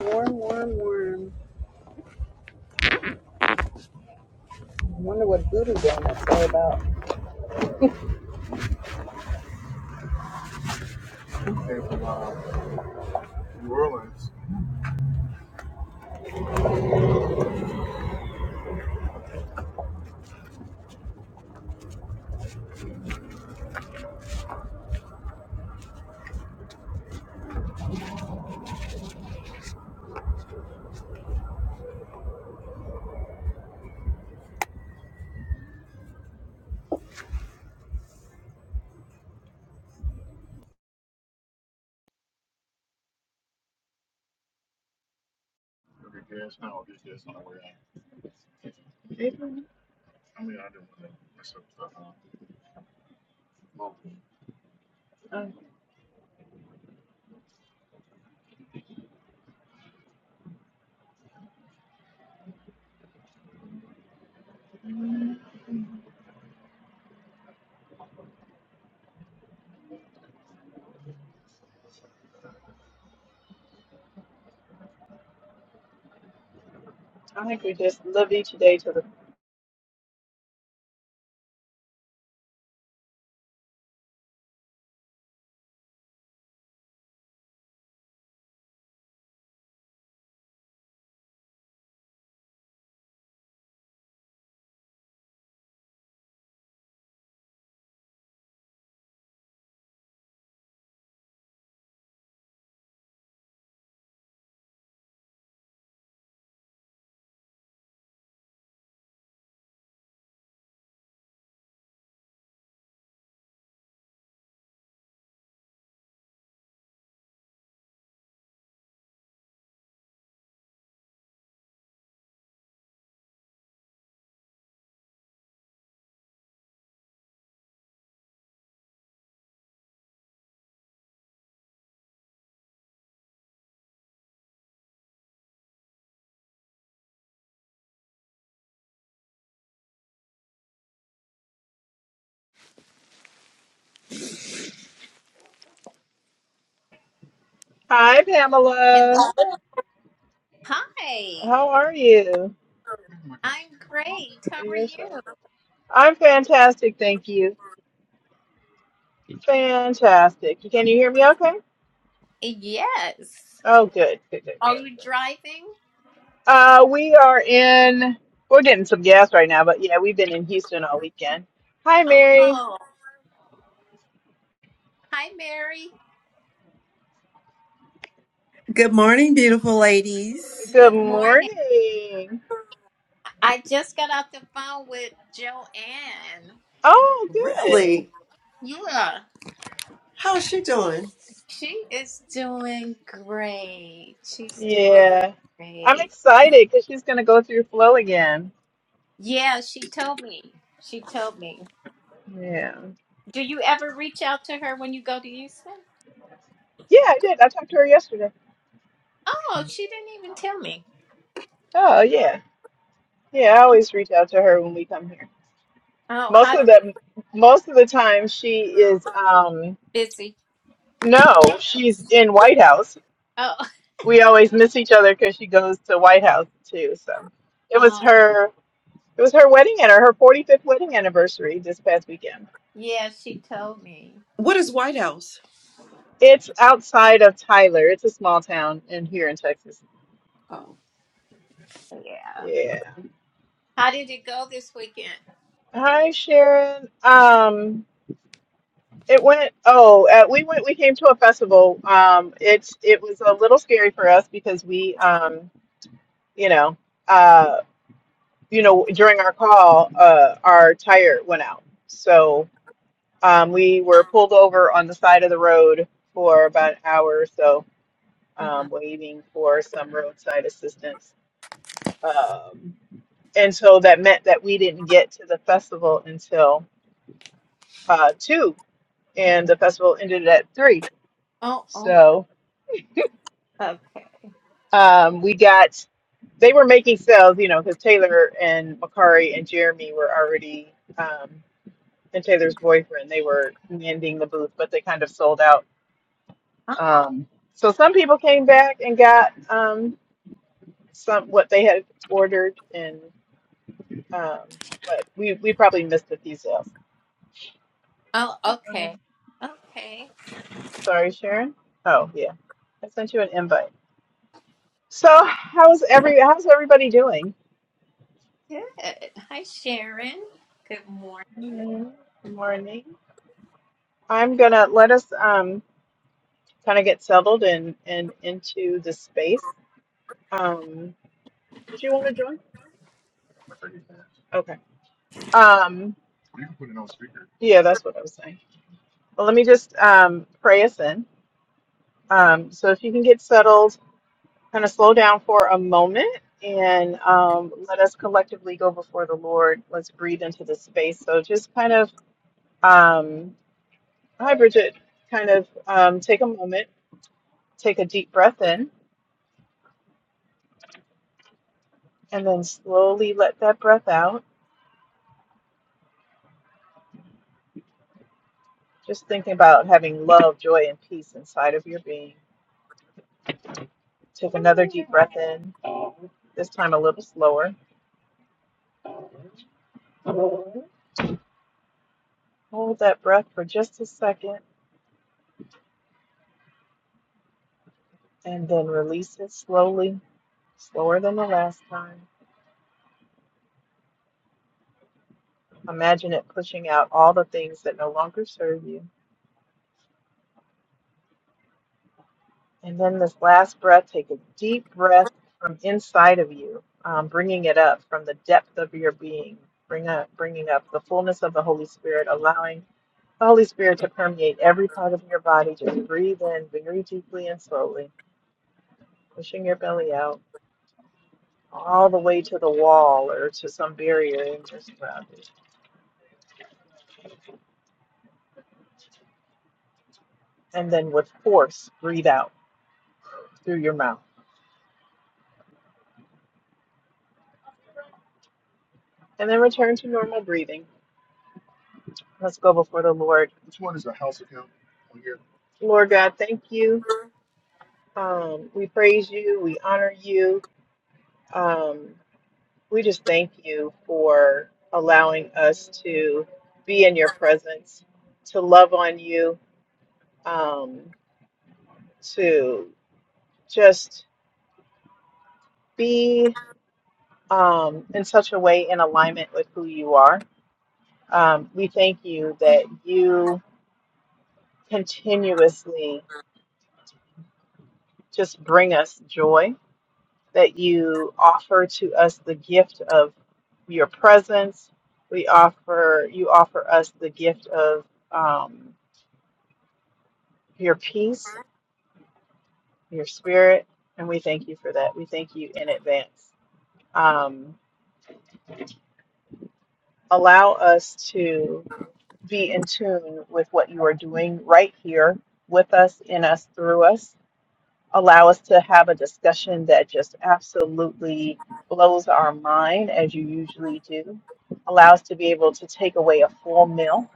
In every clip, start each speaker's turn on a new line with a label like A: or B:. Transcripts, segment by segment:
A: Warm, warm, warm. I wonder what voodoo donuts are about. I, I think we just love each day to the. Hi, Pamela.
B: Hello. Hi.
A: How are you?
B: I'm great. How are
A: You're so.
B: you?
A: I'm fantastic, thank you. Fantastic. Can you hear me? Okay.
B: Yes.
A: Oh, good, good, good,
B: Are
A: good.
B: you driving?
A: Uh, we are in. We're getting some gas right now, but yeah, we've been in Houston all weekend. Hi, Mary.
B: Oh, hi, Mary.
C: Good morning, beautiful ladies.
A: Good
B: Good morning.
A: morning.
B: I just got off the phone with Joanne.
A: Oh, good.
C: Really?
B: Yeah.
C: How's she doing?
B: She is doing great. She's doing
A: Yeah. I'm
B: great.
A: excited because she's going to go through flow again.
B: Yeah, she told me. She told me.
A: Yeah.
B: Do you ever reach out to her when you go to Houston?
A: Yeah, I did. I talked to her yesterday.
B: Oh, she didn't even tell me.
A: Oh, yeah. Yeah, I always reach out to her when we come here.
B: Oh,
A: Most
B: how
A: of
B: did it?
A: the most of the time she is um
B: Busy.
A: no, she's in White House.
B: Oh.
A: We always miss each other cuz she goes to White House too. So, it was her it was her wedding and her 45th wedding anniversary this past weekend.
B: Yeah, she told me.
C: What is White House?
A: It's outside of Tyler. It's a small town in here in Texas.
C: Oh.
B: Yeah.
A: Yeah.
B: How did it go this weekend?
A: Hi, Sharon. Um It went, oh, uh, we went, we came to a festival. Um, it's, it was a little scary for us because we, um, you know, uh, you know, during our call, uh, our tire went out. So, um, we were pulled over on the side of the road for about an hour or so,
B: Uh-huh.
A: um, waiting for some roadside assistance. Um, and so that meant that we didn't get to the festival until, uh, two, and the festival ended at three.
B: Oh, oh,
A: So,
B: okay.
A: Um, we got, they were making sales, you know, because Taylor and Makari and Jeremy were already, um, and Taylor's boyfriend, they were mending the booth, but they kind of sold out.
B: Oh,
A: Um, so some people came back and got um, some what they had ordered, and um, but we, we probably missed a few sales.
B: oh, okay.
A: Um,
B: Okay.
A: Sorry, Sharon. Oh yeah, I sent you an invite. So how's every how's everybody doing?
B: Good. Hi, Sharon. Good morning.
A: Good morning. I'm gonna let us. um kind of get settled and and into the space. Um, did you want to join? Okay. Um, yeah, that's what I was saying. Well, let me just um, pray us in. Um, so if you can get settled, kind of slow down for a moment and um, let us collectively go before the Lord. Let's breathe into the space. So just kind of, um, hi, Bridget, kind of um, take a moment, take a deep breath in, and then slowly let that breath out Just thinking about having love, joy, and peace inside of your being. Take another deep breath in, this time a little slower. Hold that breath for just a second and then release it slowly, slower than the last time. Imagine it pushing out all the things that no longer serve you And then this last breath, take a deep breath from inside of you, um, bringing it up from the depth of your being. Bring up, bringing up the fullness of the Holy Spirit, allowing the Holy Spirit to permeate every part of your body. Just breathe in very deeply and slowly, pushing your belly out all the way to the wall or to some barrier in your surroundings. And then with force, breathe out through your mouth. And then return to normal breathing. Let's go before the Lord. Lord God, thank you. Um, we praise you. We honor you. Um, we just thank you for allowing us to be in your presence, to love on you, um, to just be um, in such a way in alignment with who you are. Um, we thank you that you continuously just bring us joy that you offer to us the gift of your presence. We offer you offer us the gift of um, your peace, your spirit, and we thank you for that. We thank you in advance. Um, allow us to be in tune with what you are doing right here with us, in us, through us. allow us to have a discussion that just absolutely blows our mind, as you usually do. Allow us to be able to take away a full meal.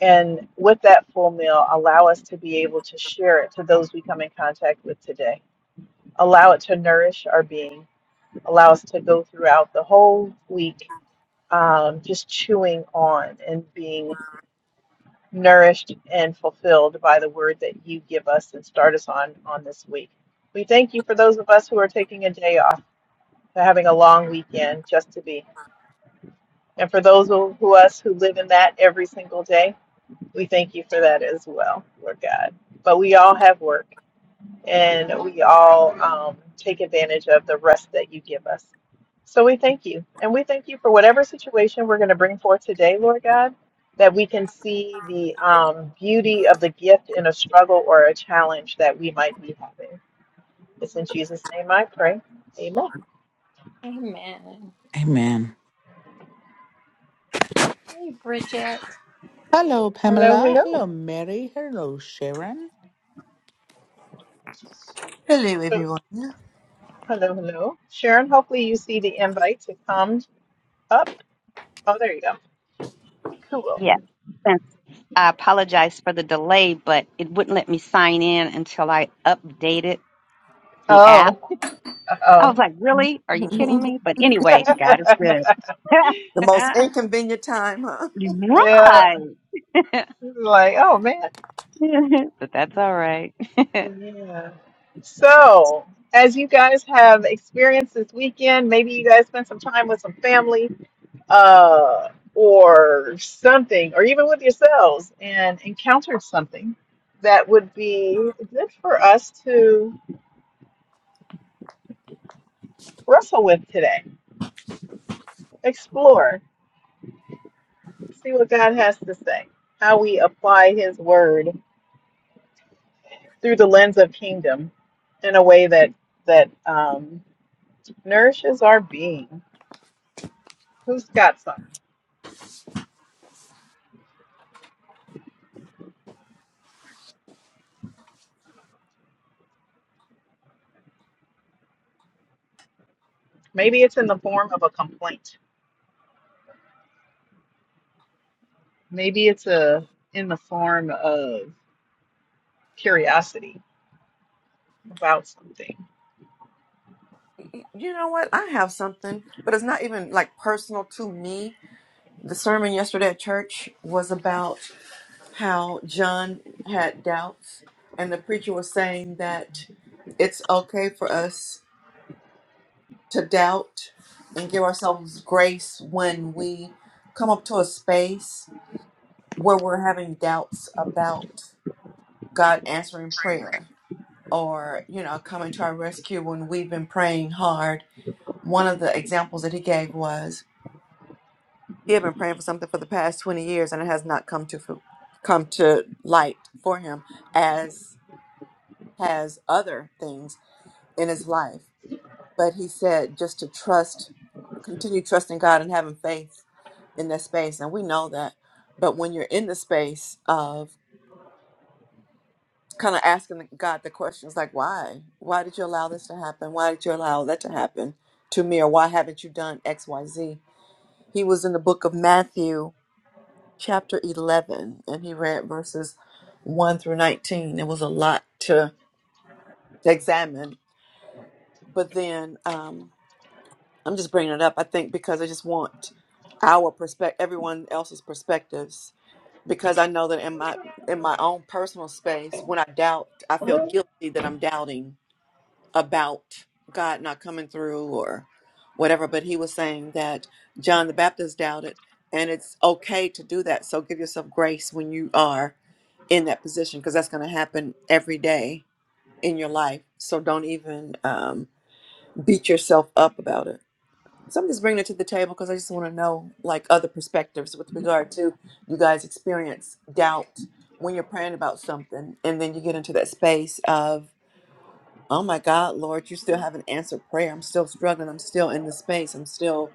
A: And with that full meal, allow us to be able to share it to those we come in contact with today. Allow it to nourish our being. Allow us to go throughout the whole week um, just chewing on and being nourished and fulfilled by the word that you give us and start us on on this week. We thank you for those of us who are taking a day off, for having a long weekend just to be. And for those of who us who live in that every single day, we thank you for that as well, Lord God. But we all have work and we all um, take advantage of the rest that you give us. So we thank you. And we thank you for whatever situation we're going to bring forth today, Lord God, that we can see the um, beauty of the gift in a struggle or a challenge that we might be having. It's in Jesus' name I pray. Amen.
B: Amen.
D: Amen.
B: Hey, Bridget.
D: Hello,
A: Hello,
D: Pamela.
A: hello.
D: Hello, Mary. Hello, Sharon.
C: Hello,
A: So,
C: everyone.
A: hello, hello. Sharon, hopefully you see the invite to come up. Oh, there you go. Cool.
E: Yes, since I apologize for the delay, but it wouldn't let me sign in until I updated the app.
A: Oh,
E: I was
A: oh.
E: like, really? Are you kidding
C: the
E: me? But anyway, God is good.
C: most inconvenient time, huh?
A: yeah.
E: right.
A: Like, oh, man.
E: but that's all right.
A: Yeah. So, as you guys have experienced this weekend, maybe you guys spent some time with some family uh, or something, or even with yourselves, and encountered something that would be good for us to wrestle with today, explore, see what God has to say, how we apply His Word through the lens of kingdom in a way that that um, nourishes our being. Who's got something? Maybe it's in the form of a complaint. Maybe it's a in the form of curiosity about something.
C: You know what? I have something, but it's not even like personal to me. The sermon yesterday at church was about how John had doubts, and the preacher was saying that it's okay for us to doubt and give ourselves grace when we come up to a space where we're having doubts about God answering prayer or, you know, coming to our rescue when we've been praying hard. One of the examples that he gave was he had been praying for something for the past 20 years and it has not come to fu- come to light for him as has other things in his life But he said just to trust, continue trusting God and having faith in that space. And we know that. But when you're in the space of kind of asking God the questions like, why? Why did you allow this to happen? Why did you allow that to happen to me? Or why haven't you done X, Y, Z? He was in the book of Matthew, chapter 11, and he read verses 1 through 19. It was a lot to examine. But then, um, I'm just bringing it up, I think, because I just want our perspective, everyone else's perspectives. Because I know that in my in my own personal space, when I doubt, I feel guilty that I'm doubting about God not coming through or whatever. But he was saying that John the Baptist doubted, and it's okay to do that. So give yourself grace when you are in that position, because that's going to happen every day in your life. So don't even um, beat yourself up about it. So I'm just bringing it to the table because I just want to know like other perspectives with regard to you guys experience doubt when you're praying about something and then you get into that space of oh my god lord you still haven't answered prayer I'm still struggling I'm still in this space I'm still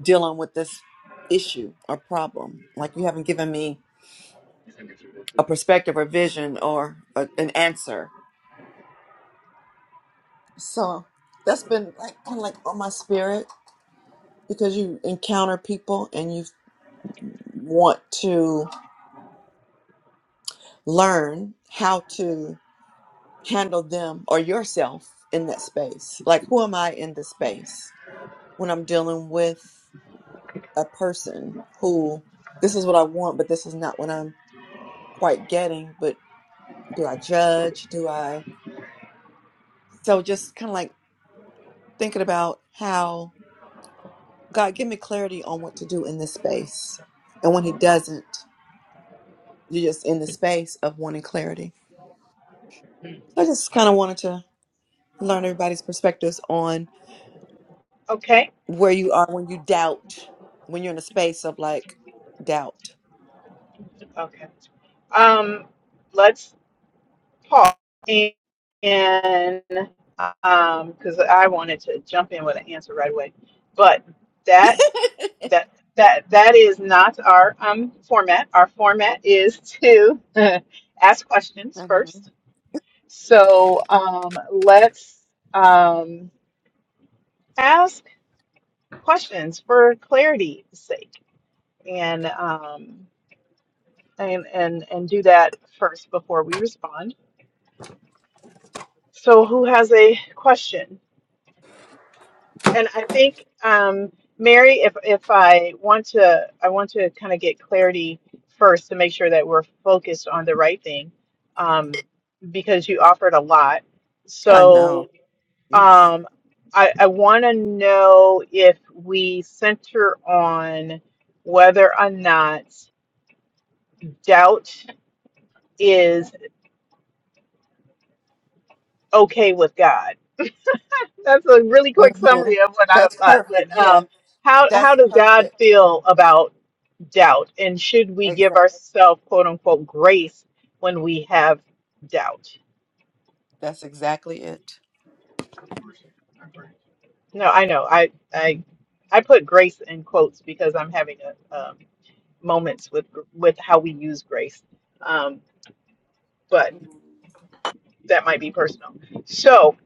C: dealing with this issue or problem like you haven't given me a perspective or vision or a, an answer so that's been like kind of like on my spirit because you encounter people and you want to learn how to handle them or yourself in that space. Like, who am I in this space when I'm dealing with a person who this is what I want, but this is not what I'm quite getting? But do I judge? Do I? So, just kind of like thinking about how God, give me clarity on what to do in this space. And when He doesn't, you're just in the space of wanting clarity. So I just kind of wanted to learn everybody's perspectives on
A: Okay.
C: where you are when you doubt, when you're in a space of like doubt.
A: Okay. Um, let's pause and um, because I wanted to jump in with an answer right away, but that
C: I
A: that that that is not our um format. Our format is to ask questions
C: know.
A: first. So um, let's um ask. questions for clarity's sake and um and and and do that first before we respond so who has a question and i think um mary if if i want to i want to kind of get clarity first to make sure that we're focused on the right thing um because you offered a lot
C: I know.
A: so
C: Yeesh.
A: um i i want to know if we center on whether or not doubt is okay with God. That's a really quick
C: hmm
A: summary of what I
C: That's
A: thought.
C: perfect.
A: But
C: Yeah,
A: um, how how
C: that's
A: does God
C: perfect.
A: feel about doubt, and should we give
C: Exactly.
A: ourselves quote unquote grace when we have doubt?
C: That's exactly it.
A: No, I know I I I put grace in quotes because I'm having a, um, moments with with how we use grace, um, but that might be personal. So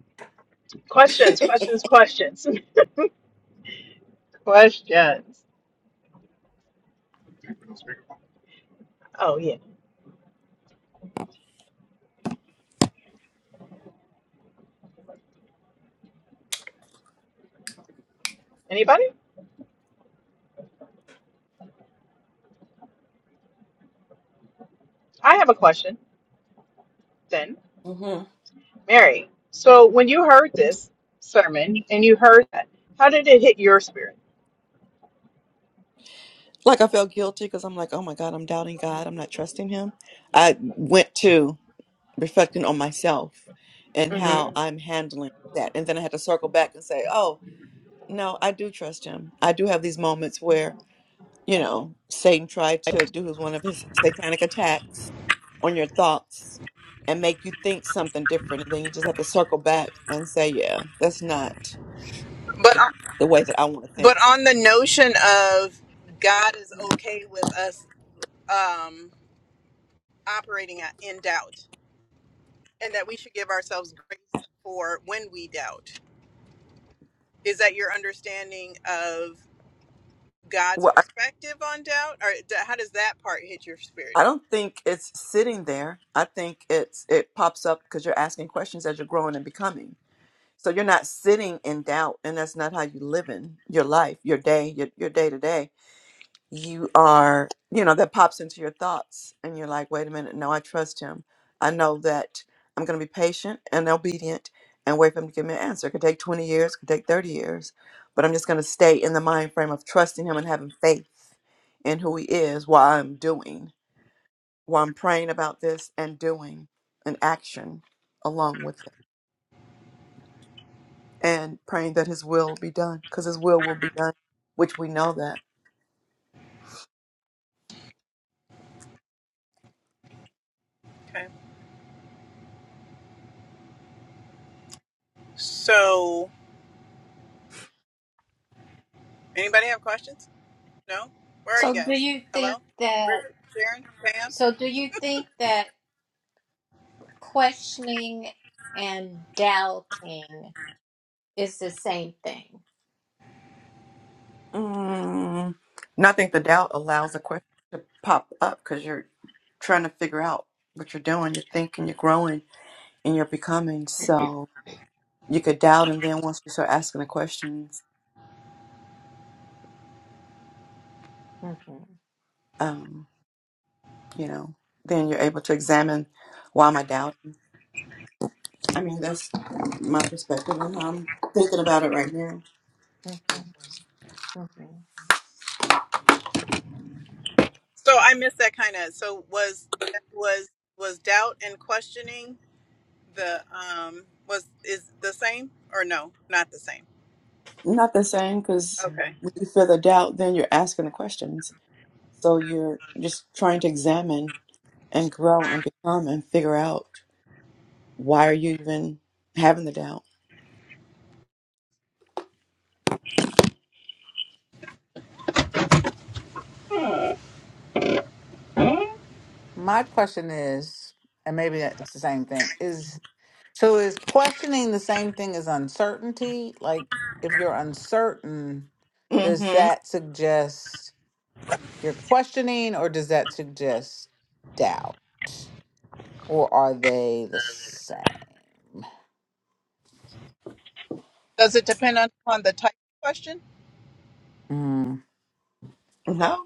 A: questions, questions, questions, questions. Oh yeah, anybody? I have a question then,
C: hmm
A: Mary. So when you heard this sermon and you heard that, how did it hit your spirit?
C: Like I felt guilty because I'm like, oh my God, I'm doubting God. I'm not trusting Him. I went to reflecting on myself and
A: hmm
C: how I'm handling that. And then I had to circle back and say, oh, no, I do trust him. I do have these moments where, you know, Satan tried to do his, one of his satanic attacks on your thoughts and make you think something different. And then you just have to circle back and say, yeah, that's not
A: But uh,
C: the way that I want to think.
A: but on the notion of God is okay with us um, operating at- in doubt, and that we should give ourselves grace for when we doubt. Is that your understanding of God's
C: Well, I
A: perspective on doubt, or d- how does that part hit your spirit?
C: I don't think it's sitting there. I think it's it pops up because you're asking questions as you're growing and becoming So you're not sitting in doubt, and that's not how you live in your life, your day, your, your day to day. You are, you know, that pops into your thoughts, and you're like, wait a minute, no, I trust him. I know that I'm going to be patient and obedient and wait for him to give me an answer. It could take 20 years, it could take 30 years, but I'm just going to stay in the mind frame of trusting him and having faith in who he is while I'm doing, while I'm praying about this and doing an action along with it. and praying that his will be done because his will will be done which we know that
A: So, anybody have questions? No. Where are you
B: So, do
A: guys?
B: you
A: Hello,
B: think that,
A: Bridget, Sharon, Pam.
B: so do you think that questioning and doubting is the same thing?
C: mm, And I think the doubt allows a question to pop up because you're trying to figure out what you're doing you're thinking you're growing and you're becoming so you could doubt and then once you start asking the questions
B: Mm-hmm,
C: um, you know then you're able to examine why am i doubting i mean that's my perspective and how i'm thinking about it right now
B: hmm
A: So I missed that kind of. So was was was doubt and questioning the um was is the same or no? Not the same.
C: not the same because
A: Okay.
C: when you feel the doubt then you're asking the questions So you're just trying to examine and grow and become and figure out why are you even having the doubt?
D: My question is, and maybe it's the same thing, is so is questioning the same thing as uncertainty? Like if you're uncertain, does
C: hmm
D: that suggest you're questioning or does that suggest doubt? Or are they the same?
A: Does it depend on, on the type of question?
D: Mm,
C: No,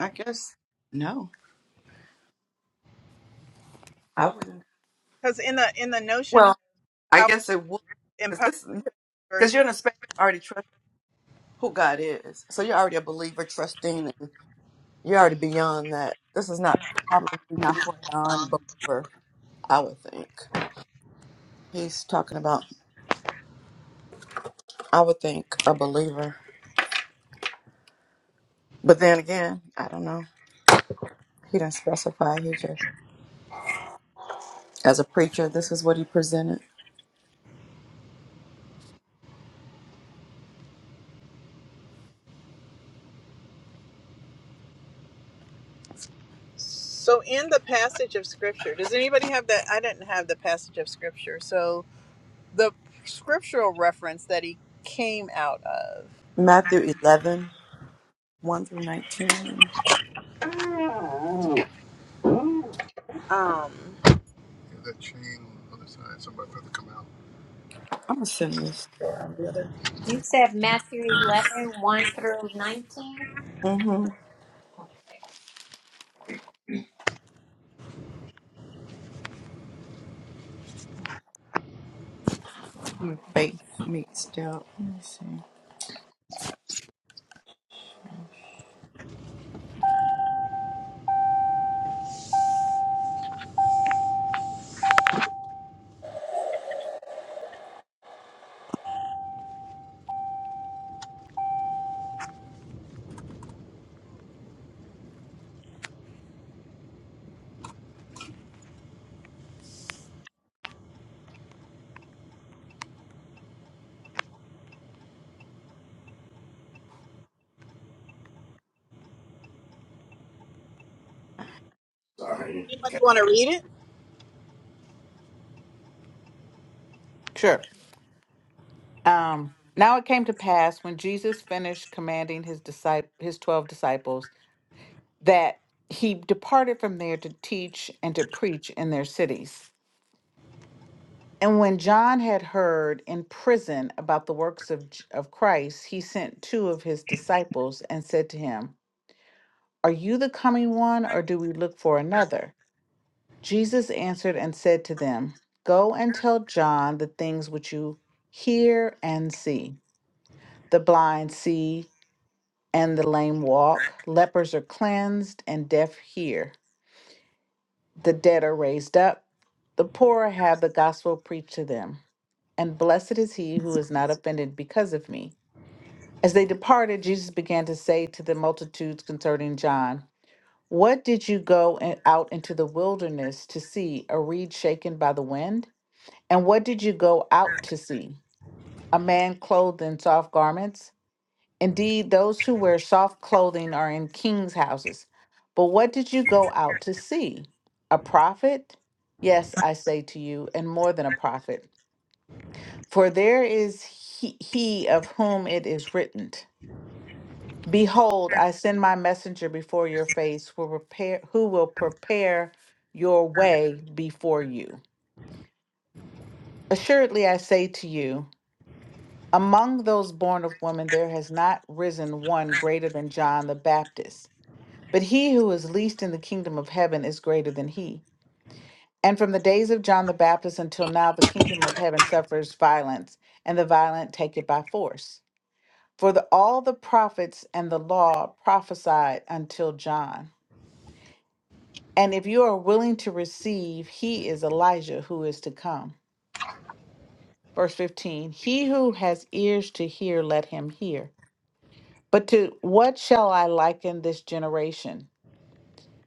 C: I guess no. I wouldn't.
A: Because in the in the notion of
C: Well, I
A: power
C: guess it would because
A: empowered
C: this because
A: verse.
C: you're in a space you already trust who God is, so you're already a believer, trusting, and you're already beyond that. This is not probably not for a non-believer. I would think he's talking about. I would think a believer, but then again, I don't know. He didn't specify. He just, as a preacher, this is what he presented.
A: So in the passage of scripture, does anybody have that? I didn't have the passage of scripture. So the scriptural reference that he came out of.
C: Matthew 11, one through 19. I'm
A: Um,
C: going to send this.
B: You said Matthew eleven one through 19?
C: Mm-hmm. With faith meets doubt. Let me see.
A: anybody want to read it?
D: sure. Um, now it came to pass when Jesus finished commanding his disciple his twelve disciples that he departed from there to teach and to preach in their cities. And when John had heard in prison about the works of, J- of Christ, he sent two of his disciples and said to him, Are you the coming one, or do we look for another? Jesus answered and said to them, Go and tell John the things which you hear and see. The blind see, and the lame walk, lepers are cleansed, and deaf hear The dead are raised up, the poor have the gospel preached to them, and blessed is he who is not offended because of me. As they departed, Jesus began to say to the multitudes concerning John, What did you go in- out into the wilderness to see? A reed shaken by the wind? And what did you go out to see? A man clothed in soft garments? Indeed, those who wear soft clothing are in kings' houses. But what did you go out to see? A prophet? Yes, I say to you, and more than a prophet. For there is he, he of whom it is written, Behold, I send my messenger before your face who, prepare, who will prepare your way before you. Assuredly, I say to you, among those born of woman, there has not risen one greater than John the Baptist. But he who is least in the kingdom of heaven is greater than he. And from the days of John the Baptist until now, the kingdom of heaven suffers violence, and the violent take it by force. For the, all the prophets and the law prophesied until John. And if you are willing to receive, he is Elijah who is to come. Verse 15 He who has ears to hear, let him hear. But to what shall I liken this generation?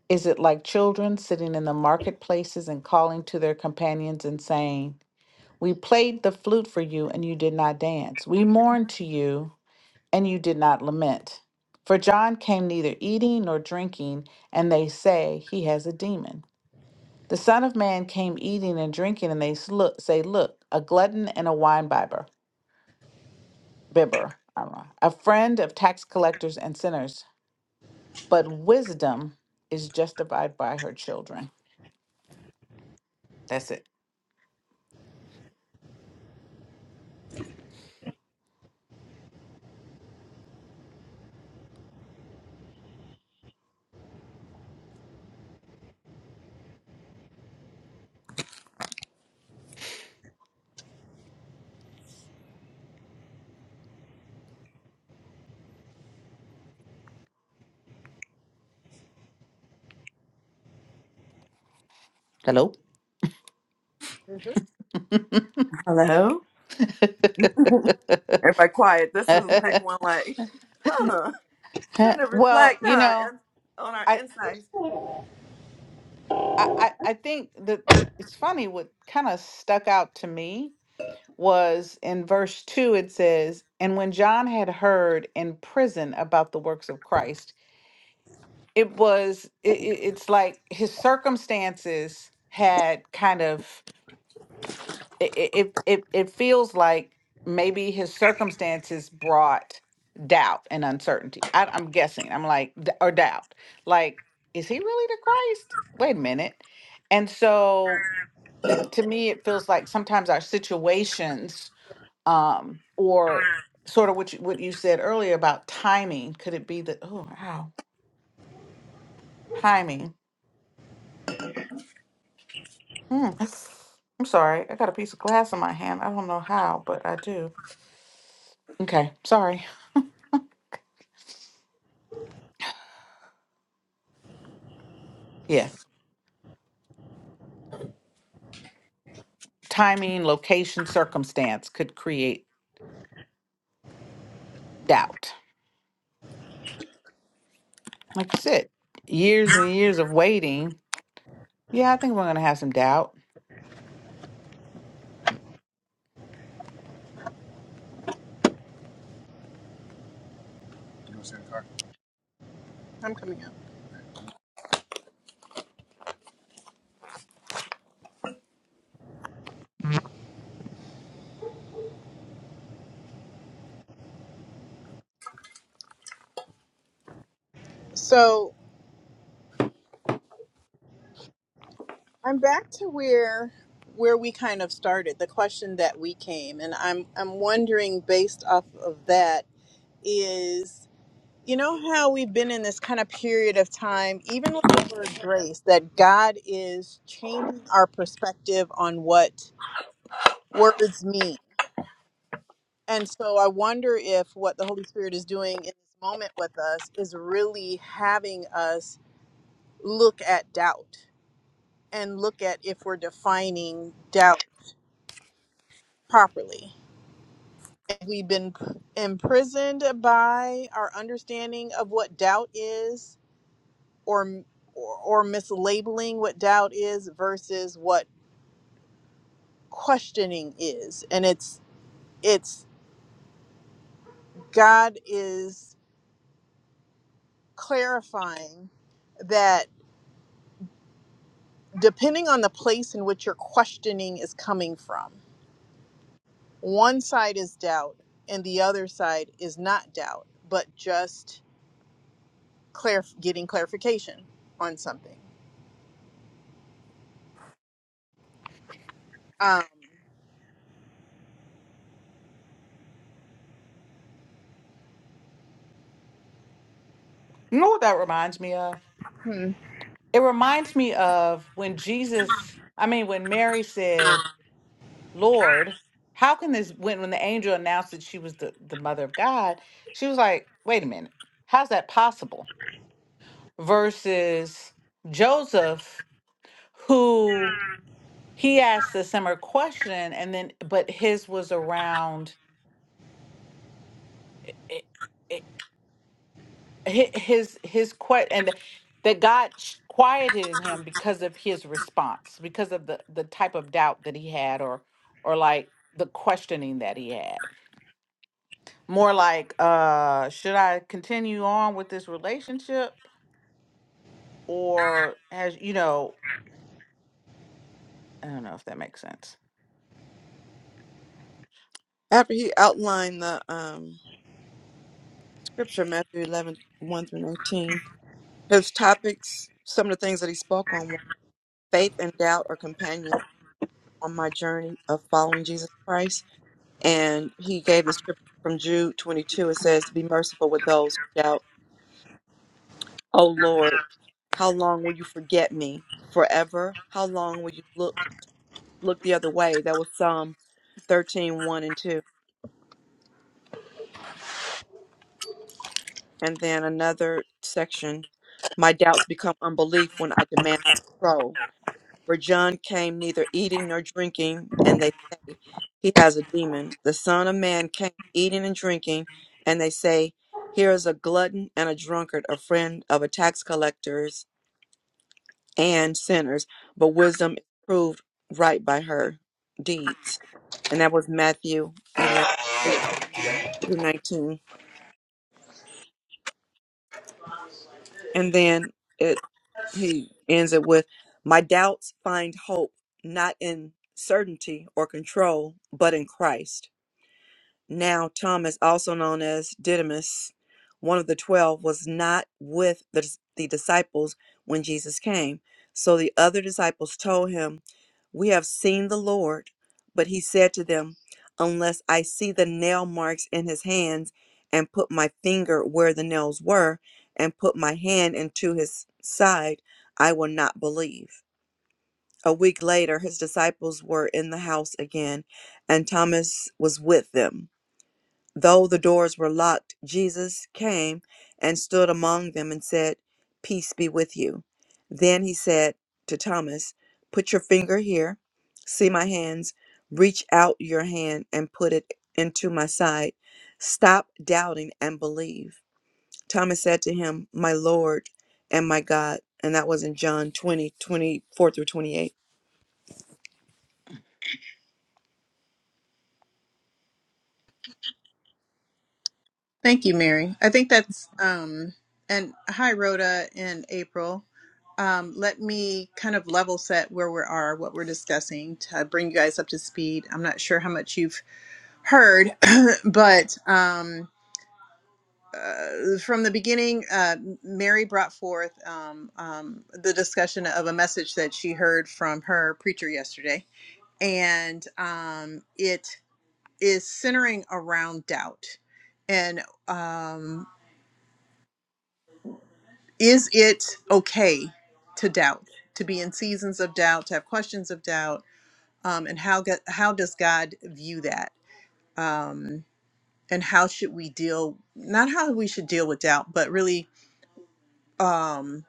D: Is it like children sitting in the marketplaces and calling to their companions and saying, We played the flute for you and you did not dance. We mourned to you and you did not lament. For John came neither eating nor drinking, and they say he has a demon. The Son of Man came eating and drinking, and they s- look, say, Look, a glutton and a wine bibber, bibber, I don't know, a friend of tax collectors and sinners. But wisdom is justified by her children. That's it. Hello?
C: Hello? Everybody quiet. This is like one like, huh, trying to
D: well,
C: reflect,
D: you
C: huh,
D: know,
C: and- on our
D: I
C: insights.
D: I I I think the the it's funny what kind of stuck out to me was in verse 2 it says, "And when John had heard in prison about the works of Christ, it was it, it- it's like his circumstances had kind of it it it, it feels like maybe his circumstances brought doubt and uncertainty. I, I'm guessing. I'm like d- or doubt. Like, is he really the Christ? Wait a minute. And so, it, to me, it feels like sometimes our situations, um, or sort of what you, what you said earlier about timing. Could it be that? Oh, wow, timing. Hmm. I'm sorry. I got a piece of glass in my hand. I don't know how, but I do. Okay, sorry. Yeah. timing, location, circumstance could create doubt. Like you said, years and years of waiting. Yeah, I think we're going to have some doubt.
A: I'm coming up. So I'm back to where where we kind of started, the question that we came, and I'm I'm wondering based off of that is you know how we've been in this kind of period of time, even with the word grace, that God is changing our perspective on what words mean. And so I wonder if what the Holy Spirit is doing in this moment with us is really having us look at doubt and look at if we're defining doubt properly We've been p- imprisoned by our understanding of what doubt is or, m- or or mislabeling what doubt is versus what questioning is. And it's it's God is clarifying that depending on the place in which your questioning is coming from, one side is doubt and the other side is not doubt, but just clarif- getting clarification on something. Um,
D: You know what that reminds me of?
A: hmm.
D: It reminds me of when Jesus, I mean, when Mary said, Lord, how can this, when, when the angel announced that she was the, the mother of God, she was like, wait a minute, how's that possible? Versus Joseph, who he asked a similar question and then but his was around it, it, hi- his his question and that god sh- quieted in him because of his response because of the the type of doubt that he had or or like the questioning that he had more like uh should i continue on with this relationship or has you know i don't know if that makes sense
C: After he outlined the um, scripture, Matthew 11, one through 19, his topics, some of the things that he spoke on were faith and doubt are companion on my journey of following Jesus Christ and he gave the scripture from Jude 22. It says, Be merciful with those who doubt. O Lord, how long will you forget me? Forever? How long will you look look the other way? That was Psalm 13, one and 2. And then another section, My doubts become unbelief when I demand control. For John came neither eating nor drinking, and they say, He has a demon. The Son of Man came eating and drinking, and they say, Here is a glutton and a drunkard, a friend of a tax collectors and sinners, but wisdom is proved right by her deeds. And that was Matthew 11, 18 through 19. And then it he ends it with, My doubts find hope not in certainty or control, but in Christ. now Thomas, also known as Didymus, one of the twelve, was not with the, the disciples when Jesus came. So the other disciples told him, We have seen the Lord. But he said to them, Unless I see the nail marks in his hands, and put my finger where the nails were, and put my hand into his side, I will not believe. A week later, his disciples were in the house again, and Thomas was with them. Though the doors were locked, Jesus came and stood among them and said, Peace be with you. Then he said to Thomas, Put your finger here, see my hands, reach out your hand and put it into my side. Stop doubting and believe. Thomas said to him, My Lord and my God. And that was in John 20 24 through 28.
A: Thank you, Mary. I think that's um, and hi, Rhoda and April. Um, let me kind of level set where we are, what we're discussing to bring you guys up to speed. I'm not sure how much you've heard, but um, uh, from the beginning, uh, Mary brought forth um, um, the discussion of a message that she heard from her preacher yesterday, and um, it is centering around doubt. And um, is it okay to doubt to be in seasons of doubt to have questions of doubt um, and how get, how does god view that um, and how should we deal not how we should deal with doubt but really um,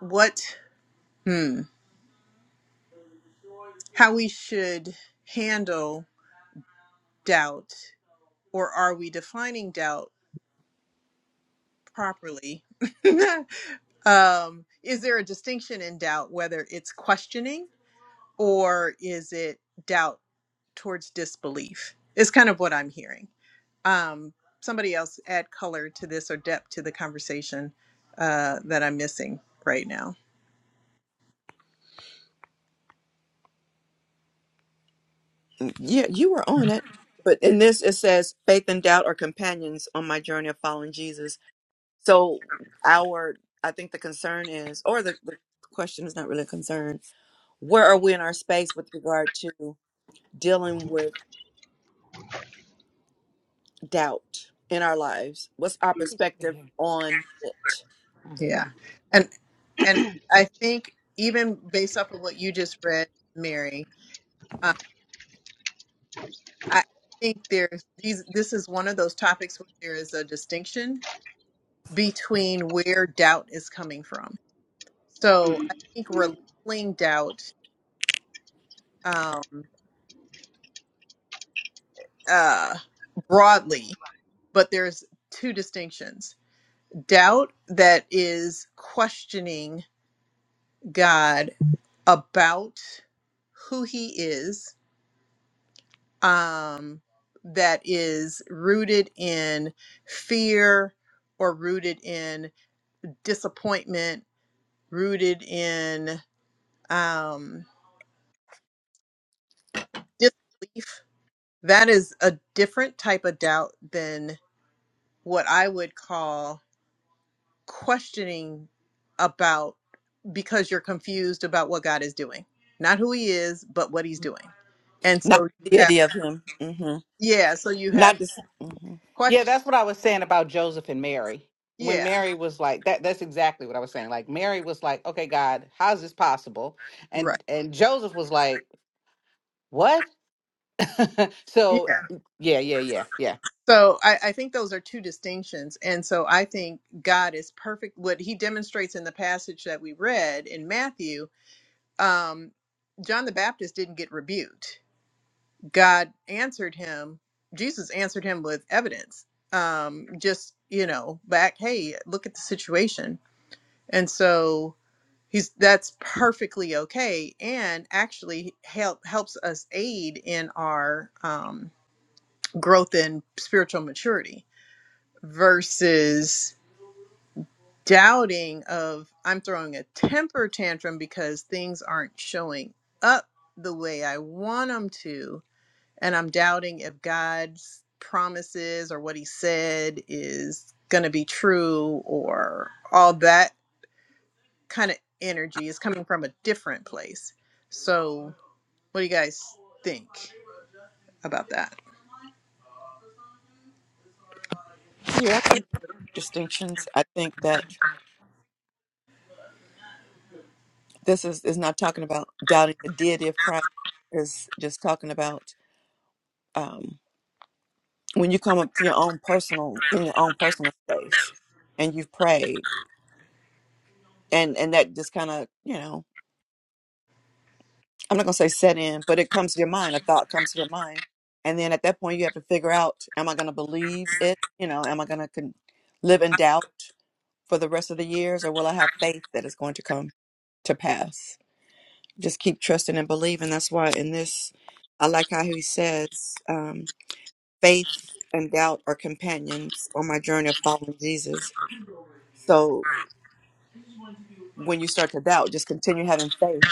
A: what hmm, how we should handle doubt or are we defining doubt properly um, is there a distinction in doubt whether it's questioning or is it doubt towards disbelief? Is kind of what I'm hearing. Um, somebody else add color to this or depth to the conversation uh, that I'm missing right now.
C: Yeah, you were on it. But in this, it says, Faith and doubt are companions on my journey of following Jesus So our I think the concern is or the, the question is not really a concern. Where are we in our space with regard to dealing with doubt in our lives? What's our
D: It's right
C: perspective on it?
D: Mm.
A: Yeah, and and I think even based off of what you just read, Mary, uh, I think there's these. This is one of those topics where there is a distinction between where doubt is coming from. So I think we're labeling doubt. Um, uh, broadly, but there's two distinctions. Doubt that is questioning God about who he is, um, that is rooted in fear or rooted in disappointment, rooted in um, disbelief. That is a different type of doubt than what I would call questioning about because you're confused about what God is doing, not who He is, but what He's doing. And
C: Not
A: so you
C: the
A: have,
C: deity of him. hmm
A: yeah, so you have
C: Not just hmm
D: Yeah,
A: questions.
D: that's what I was saying about Joseph and Mary. When
A: Yeah,
D: Mary was like that that's exactly what I was saying. Like Mary was like, "Okay, God, how is this possible?"
A: right.
D: And and Joseph was like, "What?" so,
A: Yeah.
D: yeah, yeah, yeah, yeah.
A: So I, I think those are two distinctions. And so I think God is perfect. What He demonstrates in the passage that we read in Matthew, um, John the Baptist didn't get rebuked. God answered him, Jesus answered him with evidence. Um, just, you know, back, hey, look at the situation. And so he's that's perfectly okay and actually help helps us aid in our um, growth in spiritual maturity versus doubting of i'm throwing a temper tantrum because things aren't showing up the way i want them to and i'm doubting if god's promises or what he said is going to be true or all that kind of energy is coming from a different place so What do you guys think about that?
C: yeah, I think distinctions. I think that this is, is not talking about doubting the deity of Christ. Is just talking about um, when you come up to your own personal in your own personal space and you've prayed and and that just kind of you know i'm not gonna say set in but it comes to your mind a thought comes to your mind and then at that point you have to figure out am i gonna believe it you know am i gonna con- live in doubt for the rest of the years or will i have faith that it's going to come to pass just keep trusting and believing that's why in this i like how he says um, faith and doubt are companions on my journey of following jesus so when you start to doubt just continue having faith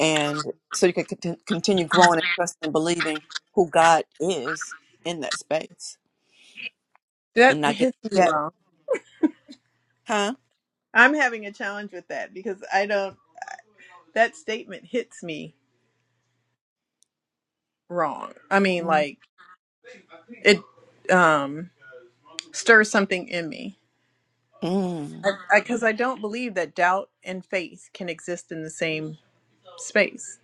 C: and so you can cont- continue growing and trusting and believing who God is in that space
A: That
C: and not get
A: hits me
C: upset,
A: wrong.
C: huh?
A: I'm having a challenge with that because I don't that statement hits me wrong. I mean
C: mm
A: like it um stirs something in me.
C: mm.
A: Because I, I, 'cause I don't believe that doubt and faith can exist in the same space.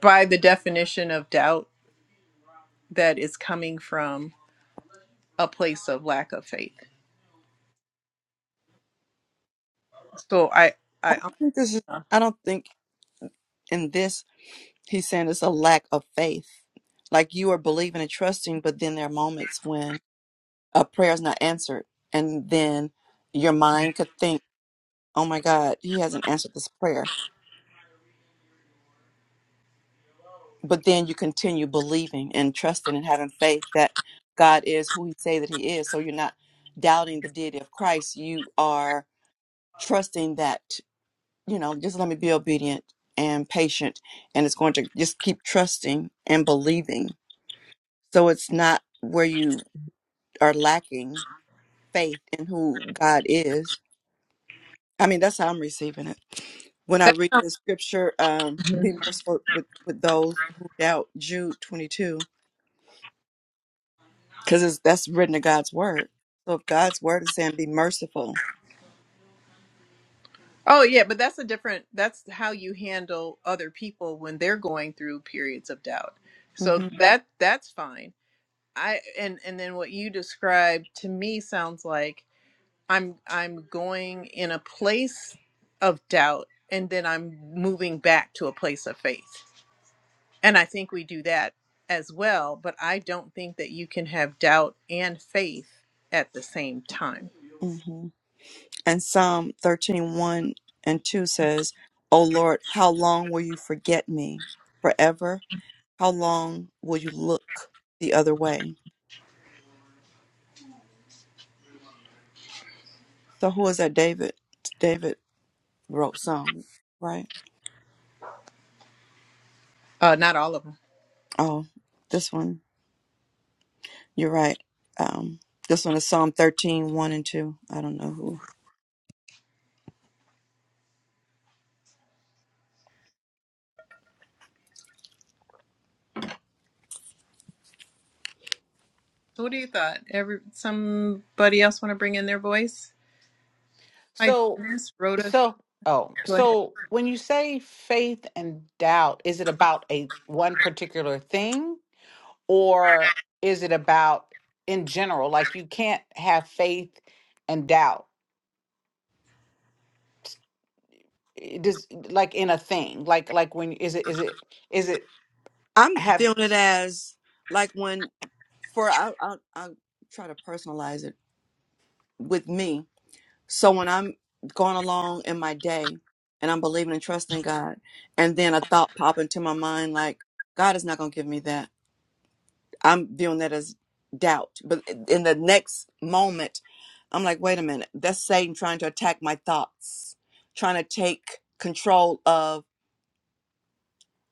A: By the definition of doubt that is coming from a place of lack of faith. So I
C: I
A: I
C: don't think this is.
A: uh,
C: I don't think in this he's saying it's a lack of faith. Like you are believing and trusting, but then there are moments when a prayer is not answered, and then your mind could think, "Oh my God, he hasn't answered this prayer." but then you continue believing and trusting and having faith that God is who he say that he is. So you're not doubting the deity of Christ. You are trusting that, you know, just let me be obedient and patient and it's going to just keep trusting and believing. So it's not where you are lacking faith in who God is. I mean, that's how I'm receiving it. When I read the scripture, um, be merciful with, with those who doubt, Jude 22 because that's written in God's word. So if God's word is saying be merciful,
A: Oh yeah, but that's a different that's how you handle other people when they're going through periods of doubt. So
C: hmm
A: Mhm. that that's fine. I and and then what you described to me sounds like I'm I'm going in a place of doubt and then I'm moving back to a place of faith. And I think we do that as well, but I don't think that you can have doubt and faith at the same time.
C: hmm and Psalm thirteen one and 2 says, O Lord, how long will you forget me forever? How long will you look the other way? So who is that David? David wrote Psalm, right?
A: Uh, not all of them.
C: Oh, this one. You're right. Um, this one is Psalm thirteen one and 2. I don't know who.
A: So what do you thought? Every somebody else want to bring in their voice? Hi,
D: So
A: Janice. Rhoda,
D: So, oh,
A: go ahead.
D: so when you say faith and doubt, is it about a one particular thing or is it about in general? Like you can't have faith and doubt. It does like in a thing. Like like when is it is it is it
C: I'm
D: have
C: viewing it as like when for I, I I try to personalize it with me. So when I'm going along in my day and I'm believing and trusting God, and then a thought pop into my mind like God is not going to give me that. I'm viewing that as doubt. But in the next moment, I'm like, wait a minute, that's Satan trying to attack my thoughts, trying to take control of.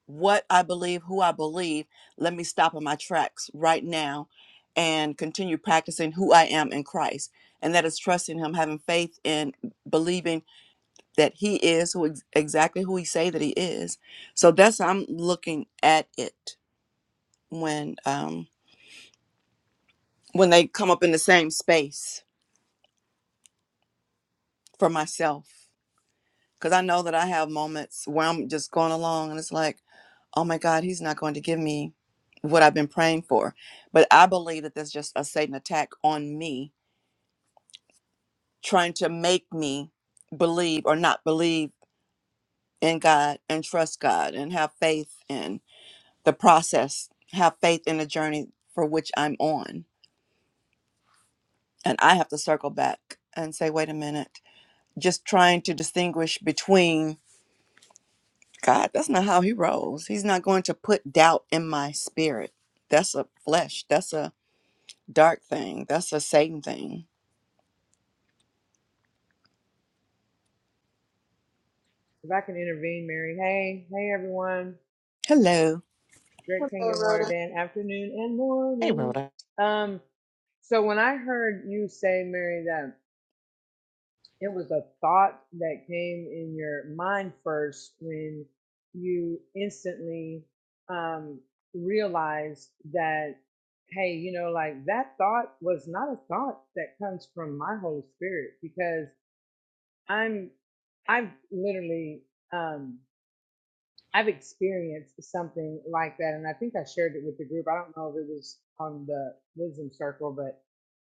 C: what I believe, who I believe, let me stop in my tracks right now and continue practicing who I am in Christ. And that is trusting him, having faith in believing that he is who ex- exactly who he say that he is. So that's how I'm looking at it when um when they come up in the same space for myself. Because I know that I have moments where I'm just going along and it's like, oh my God, he's not going to give me what I've been praying for. But I believe that there's just a Satan attack on me, trying to make me believe or not believe in God and trust God and have faith in the process, have faith in the journey for which I'm on. And I have to circle back and say, wait a minute, just trying to distinguish between God, that's not how he rolls. He's not going to put doubt in my spirit. That's a flesh. That's a dark thing. That's a Satan thing.
F: If I can intervene, Mary. Hey, hey everyone.
C: Hello.
F: Great
A: Hello,
F: Kingdom Water
A: Rhoda.
F: Dan afternoon and
D: Hey,
F: morning.
D: Rhoda.
F: Um, so when I heard you say, Mary, that it was a thought that came in your mind first when you instantly um realized that, hey, you know, like that thought was not a thought that comes from my Holy Spirit because I'm I've literally um. I've experienced something like that, and I think I shared it with the group. I don't know if it was on the wisdom circle, but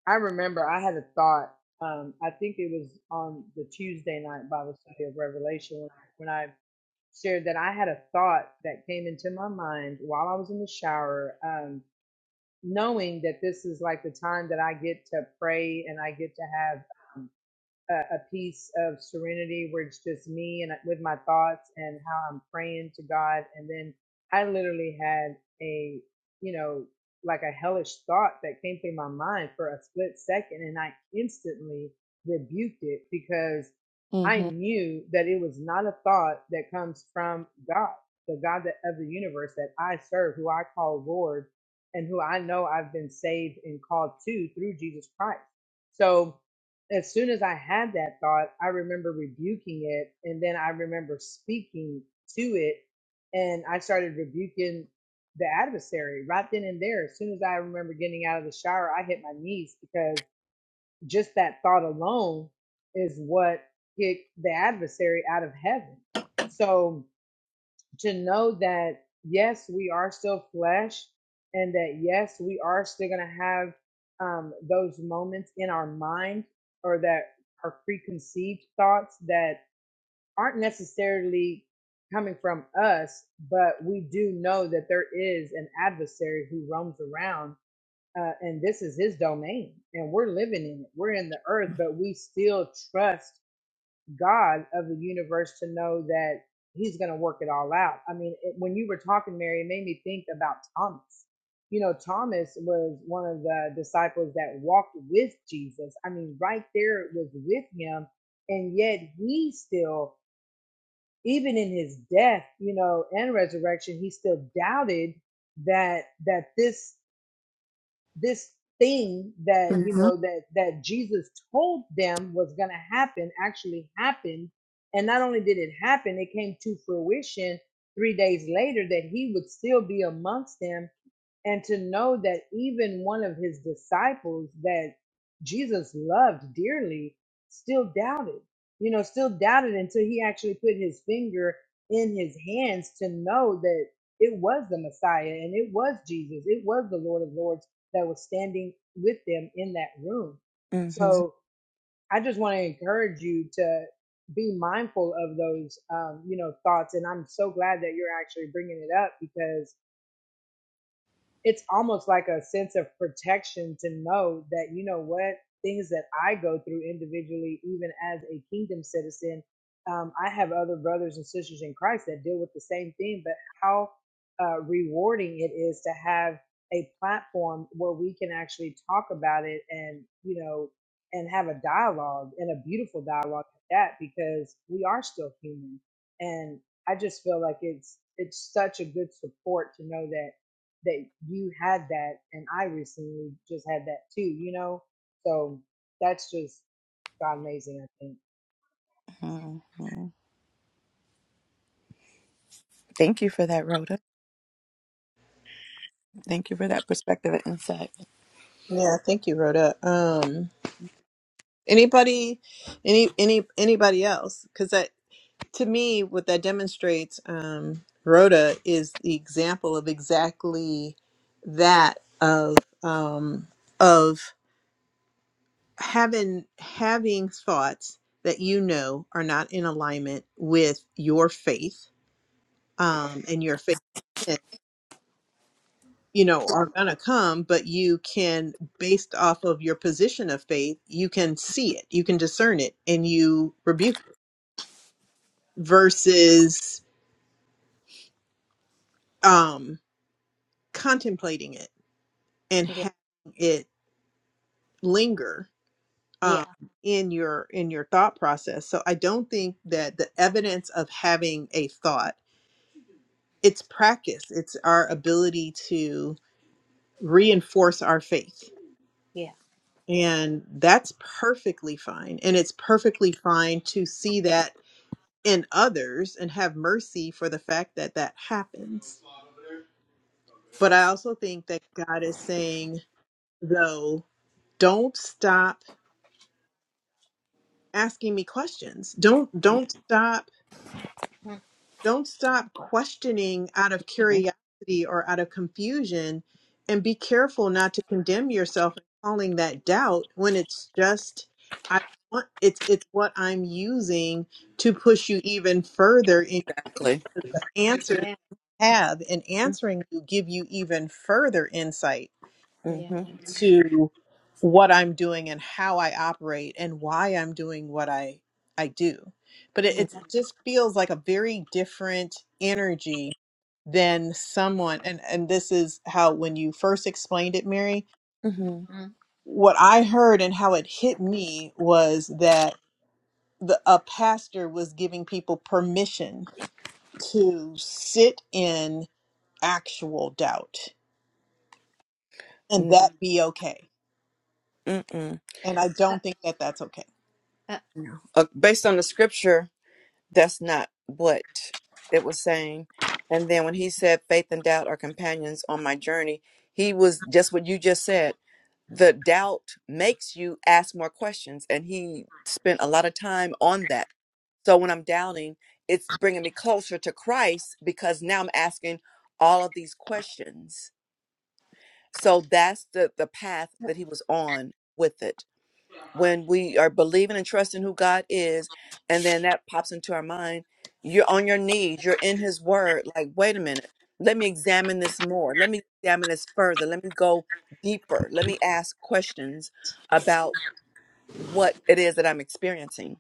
F: I remember I had a thought. Um, I think it was on the Tuesday night Bible study of Revelation when I, when I shared that I had a thought that came into my mind while I was in the shower, um, knowing that this is like the time that I get to pray and I get to have um, a, a piece of serenity where it's just me and with my thoughts and how I'm praying to God. And then I literally had a, you know, like a hellish thought that came through my mind for a split second. And I instantly rebuked it because I
C: Mm-hmm.
F: knew that it was not a thought that comes from God, the God that, of the universe that I serve, who I call Lord, and who I know I've been saved and called to through Jesus Christ. So, as soon as I had that thought, I remember rebuking it and then I remember speaking to it and I started rebuking the adversary right then and there. As soon as I remember getting out of the shower, I hit my knees because just that thought alone is what kicked the adversary out of heaven. So to know that yes, we are still flesh, and that yes, we are still going to have um, those moments in our mind or that are preconceived thoughts that aren't necessarily coming from us, but we do know that there is an adversary who roams around. Uh, and this is his domain, and we're living in it. We're in the earth, but we still trust God of the universe to know that he's going to work it all out. I mean, it, when you were talking, Mary, it made me think about Thomas. You know, Thomas was one of the disciples that walked with Jesus. I mean, right there was with him. And yet he still, even in his death, you know, and resurrection, he still doubted that that this this thing that you
C: Mm-hmm.
F: know that that Jesus told them was going to happen actually happened and not only did it happen it came to fruition 3 days later that he would still be amongst them and to know that even one of his disciples that Jesus loved dearly still doubted, you know, still doubted until he actually put his finger in his hands to know that it was the Messiah and it was Jesus, it was the Lord of Lords that was standing with them in that room. So I just want to encourage you to be mindful of those, um, you know, thoughts. And I'm so glad that you're actually bringing it up because it's almost like a sense of protection to know that you know what things that I go through individually, even as a kingdom citizen, um, I have other brothers and sisters in Christ that deal with the same thing. But how uh, rewarding it is to have a platform where we can actually talk about it and you know and have a dialogue and a beautiful dialogue at that because we are still human and i just feel like it's it's such a good support to know that that you had that and I recently just had that too, you know? So that's just God amazing, I think.
C: Mm-hmm. hmm Thank you for that, Rhoda. Thank you for that perspective and insight.
A: Yeah, thank you, Rhoda. Um, anybody, any, any, anybody else? Because that, to me, what that demonstrates, um, Rhoda is the example of exactly that of um, of having having thoughts that you know are not in alignment with your faith um, and your faith. you know are going to come but you can based off of your position of faith you can see it you can discern it and you rebuke it versus um contemplating it and
B: Yeah.
A: having it linger
B: Yeah.
A: um in your in your thought process so i don't think that the evidence of having a thought it's practice it's our ability to reinforce our faith
B: Yeah.
A: And that's perfectly fine. And it's perfectly fine to see that in others and have mercy for the fact that that happens. But I also think that God is saying, though, don't stop asking me questions. Don't don't stop
B: Mm,
A: Don't stop questioning out of
C: Mhm.
A: curiosity or out of confusion. And be careful not to condemn yourself and calling that doubt when it's just I want it's it's what I'm using to push you even further in your faith,
C: Exactly.
A: because the answers you have in
C: Mm-hmm.
A: answering you give you even further insight
B: Yeah, yeah,
C: Mm-hmm.
A: to what I'm doing and how I operate and why I'm doing what I I do. But it,
B: Yeah.
A: it's- it just feels like a very different energy than someone and and this is how when you first explained it, Mary,
C: mm-hmm.
B: mm,
A: what I heard and how it hit me was that the a pastor was giving people permission to sit in actual doubt and
C: Mm,
A: that be okay.
C: Mm-mm.
A: And I
B: uh,
A: don't think that that's okay.
B: uh,
C: Uh, based on the scripture, that's not what it was saying. And then when he said, faith and doubt are companions on my journey, he was just what you just said. The doubt makes you ask more questions. And he spent a lot of time on that. So when I'm doubting, it's bringing me closer to Christ because now I'm asking all of these questions. So that's the, the path
B: uh,
C: that he was on with it when we are believing and trusting who God is, and then that pops into our mind, you're on your knees, you're in His Word. Like, wait a minute, let me examine this more. Let me examine this further. Let me go deeper. Let me ask questions about what it is that I'm experiencing.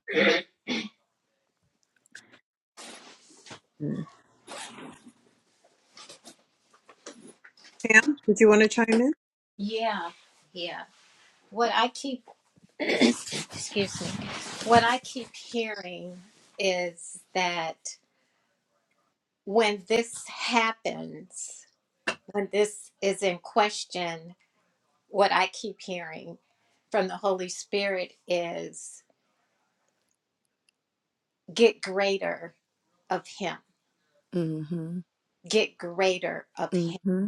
A: Pam, did you want to chime in?
B: yeah, yeah. What I keep, excuse me, what I keep hearing is that when this happens, when this is in question, what I keep hearing from the Holy Spirit is get greater of Him,
C: Mm-hmm.
B: get greater of Him.
C: Mm-hmm.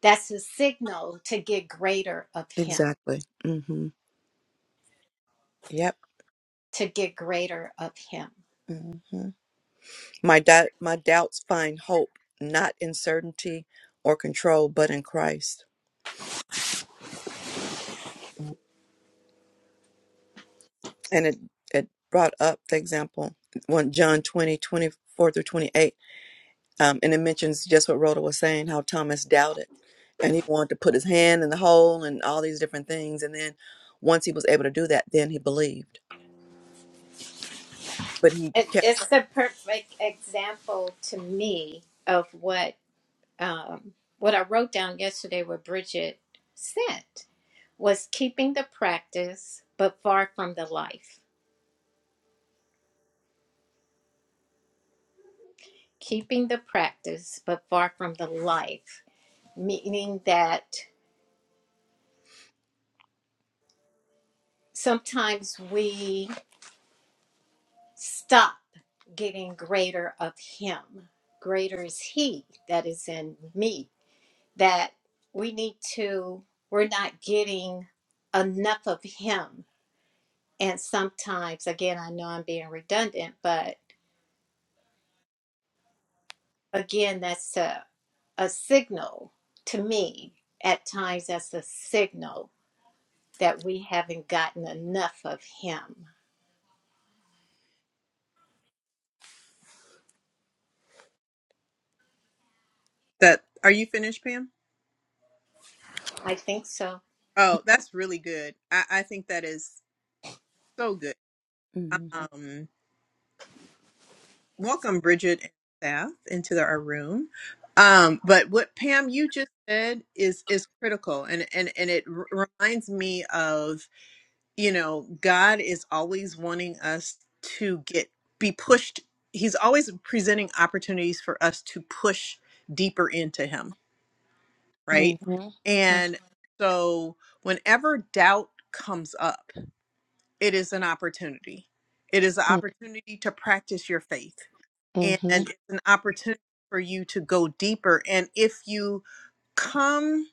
B: That's a signal to get greater of Him
C: Exactly. Mm-hmm. Yep.
B: to get greater of him.
C: hmm My doubt, my doubts find hope not in certainty or control, but in Christ. and it, it brought up the example one John twenty twenty four through 28. Um, and it mentions just what Rhoda was saying, how Thomas doubted and he wanted to put his hand in the hole and all these different things. And then once he was able to do that, then he believed. But he
B: It,
C: kept.
B: it's the perfect example to me of what um, what I wrote down yesterday with Bridget sent was keeping the practice but far from the life. Keeping the practice but far from the life, meaning that sometimes we stop getting greater of him. Greater is he that is in me that we need to we're not getting enough of him and sometimes again i know i'm being redundant but again that's a, a signal to me at times that's a signal that we haven't gotten enough of him
A: That are you finished, Pam?
B: i think so
A: Oh, that's really good. I, I think that is so good.
C: Mm-hmm.
A: Um, welcome Bridget and staff into the, our room. Um, but what Pam you just said is is critical, and and and it r- reminds me of you know God is always wanting us to get be pushed. He's always presenting opportunities for us to push deeper into Him right?
C: Mm-hmm.
B: Mhm,
A: And so whenever doubt comes up, it is an opportunity. It is an opportunity to practice your faith and
C: Mm-hmm.
A: it's an opportunity for you to go deeper and if you come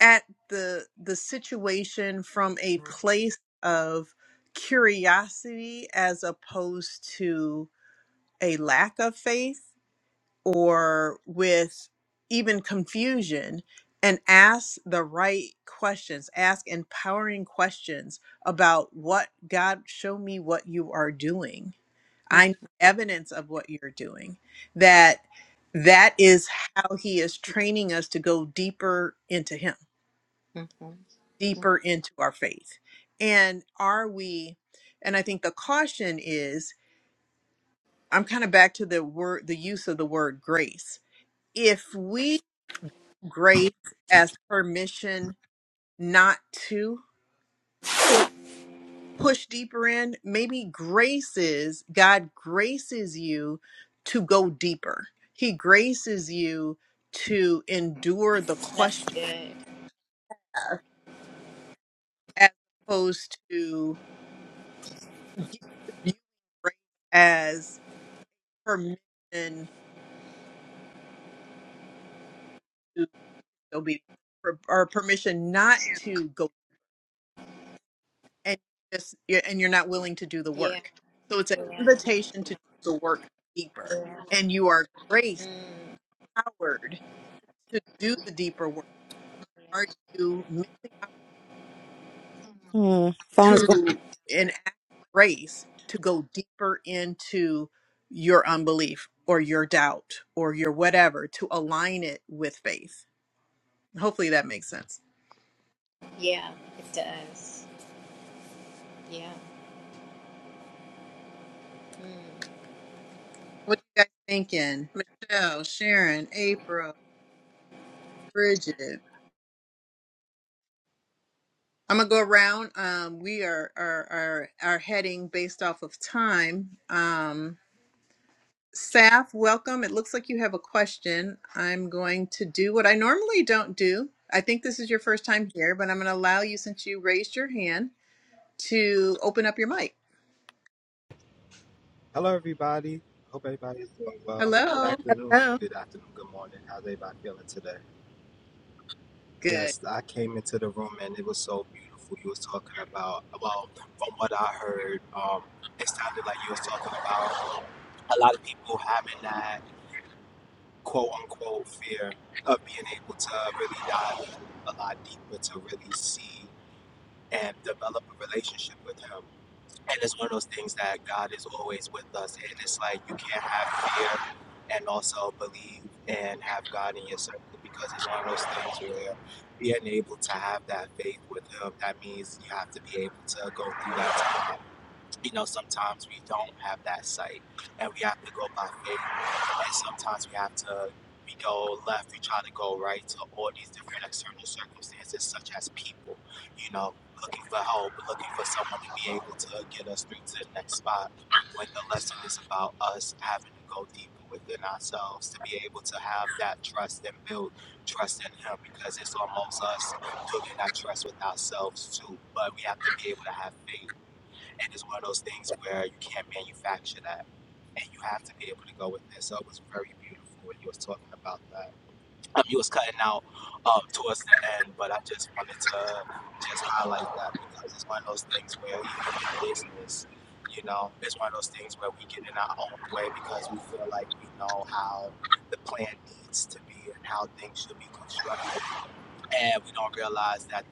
A: at the the situation from a place of curiosity as opposed to a lack of faith or with even confusion and ask the right questions ask empowering questions about what god show me what you are doing
B: mhm,
A: i need evidence of what you're doing that that is how he is training us to go deeper into him
B: mhm, mhm.
A: deeper into our faith and are we and i think the caution is i'm kind of back to the word the use of the word grace if we grace as permission not to push deeper in. Maybe graces, God graces you to go deeper. He graces you to endure the
B: that's
A: question
B: good
A: as opposed to viewing grace as permission to obey or or permission not to go and just you're, and you're not willing to do the
B: yeah
A: work. So it's an
B: yeah
A: invitation to do the work deeper,
B: yeah,
A: and you are grace
B: mm,
A: powered to do the deeper work. Are
B: yeah.
A: you missing out
C: Mm. Phone is going
A: to and act of grace to go deeper into your unbelief or your doubt or your whatever to align it with faith? Hopefully that makes sense.
B: yeah it does yeah mm.
A: What are you guys thinking, Michelle, Sharon, April, Bridget? I'm gonna go around. Um, we are are are are heading based off of time. Um, Saf, welcome. It looks like you have a question. I'm going to do what I normally don't do. I think this is your first time here, but I'm gonna allow you since you raised your hand to open up your mic.
G: Hello, everybody. Hope everybody is doing well. Good
A: Hello.
G: afternoon.
C: down.
G: Good afternoon. Good morning. How's everybody feeling today?
A: Good.
G: Yes, I came into the room and it was so beautiful. You was talking about, well, from what I heard, um, it sounded like you was talking about a lot of people having that quote unquote fear of being able to really dive a lot deeper to really see and develop a relationship with him. and it's one of those things that God is always with us, and it's like you can't have fear and also believe and have God in your circle because it's one of those things where being able to have that faith with Him that means you have to be able to go through that time you know, sometimes we don't have that sight and we have to go by faith. And sometimes we have to, we go left, we try to go right to all these different external circumstances, such as people, you know, looking for help, looking for someone to be able to get us through to the next spot. When the lesson is about us having to go deeper within ourselves to be able to have that trust and build trust in Him because it's almost us building that trust with ourselves too. But we have to be able to have faith and it's one of those things where you can't manufacture that, and you have to be able to go with it. So it was very beautiful when you was talking about that. Um, you was cutting out um, towards the end, but I just wanted to just highlight that because it's one of those things where even in business, you know, it's one of those things where we get in our own way because we feel like we know how the plan needs to be and how things should be constructed and we don't realize that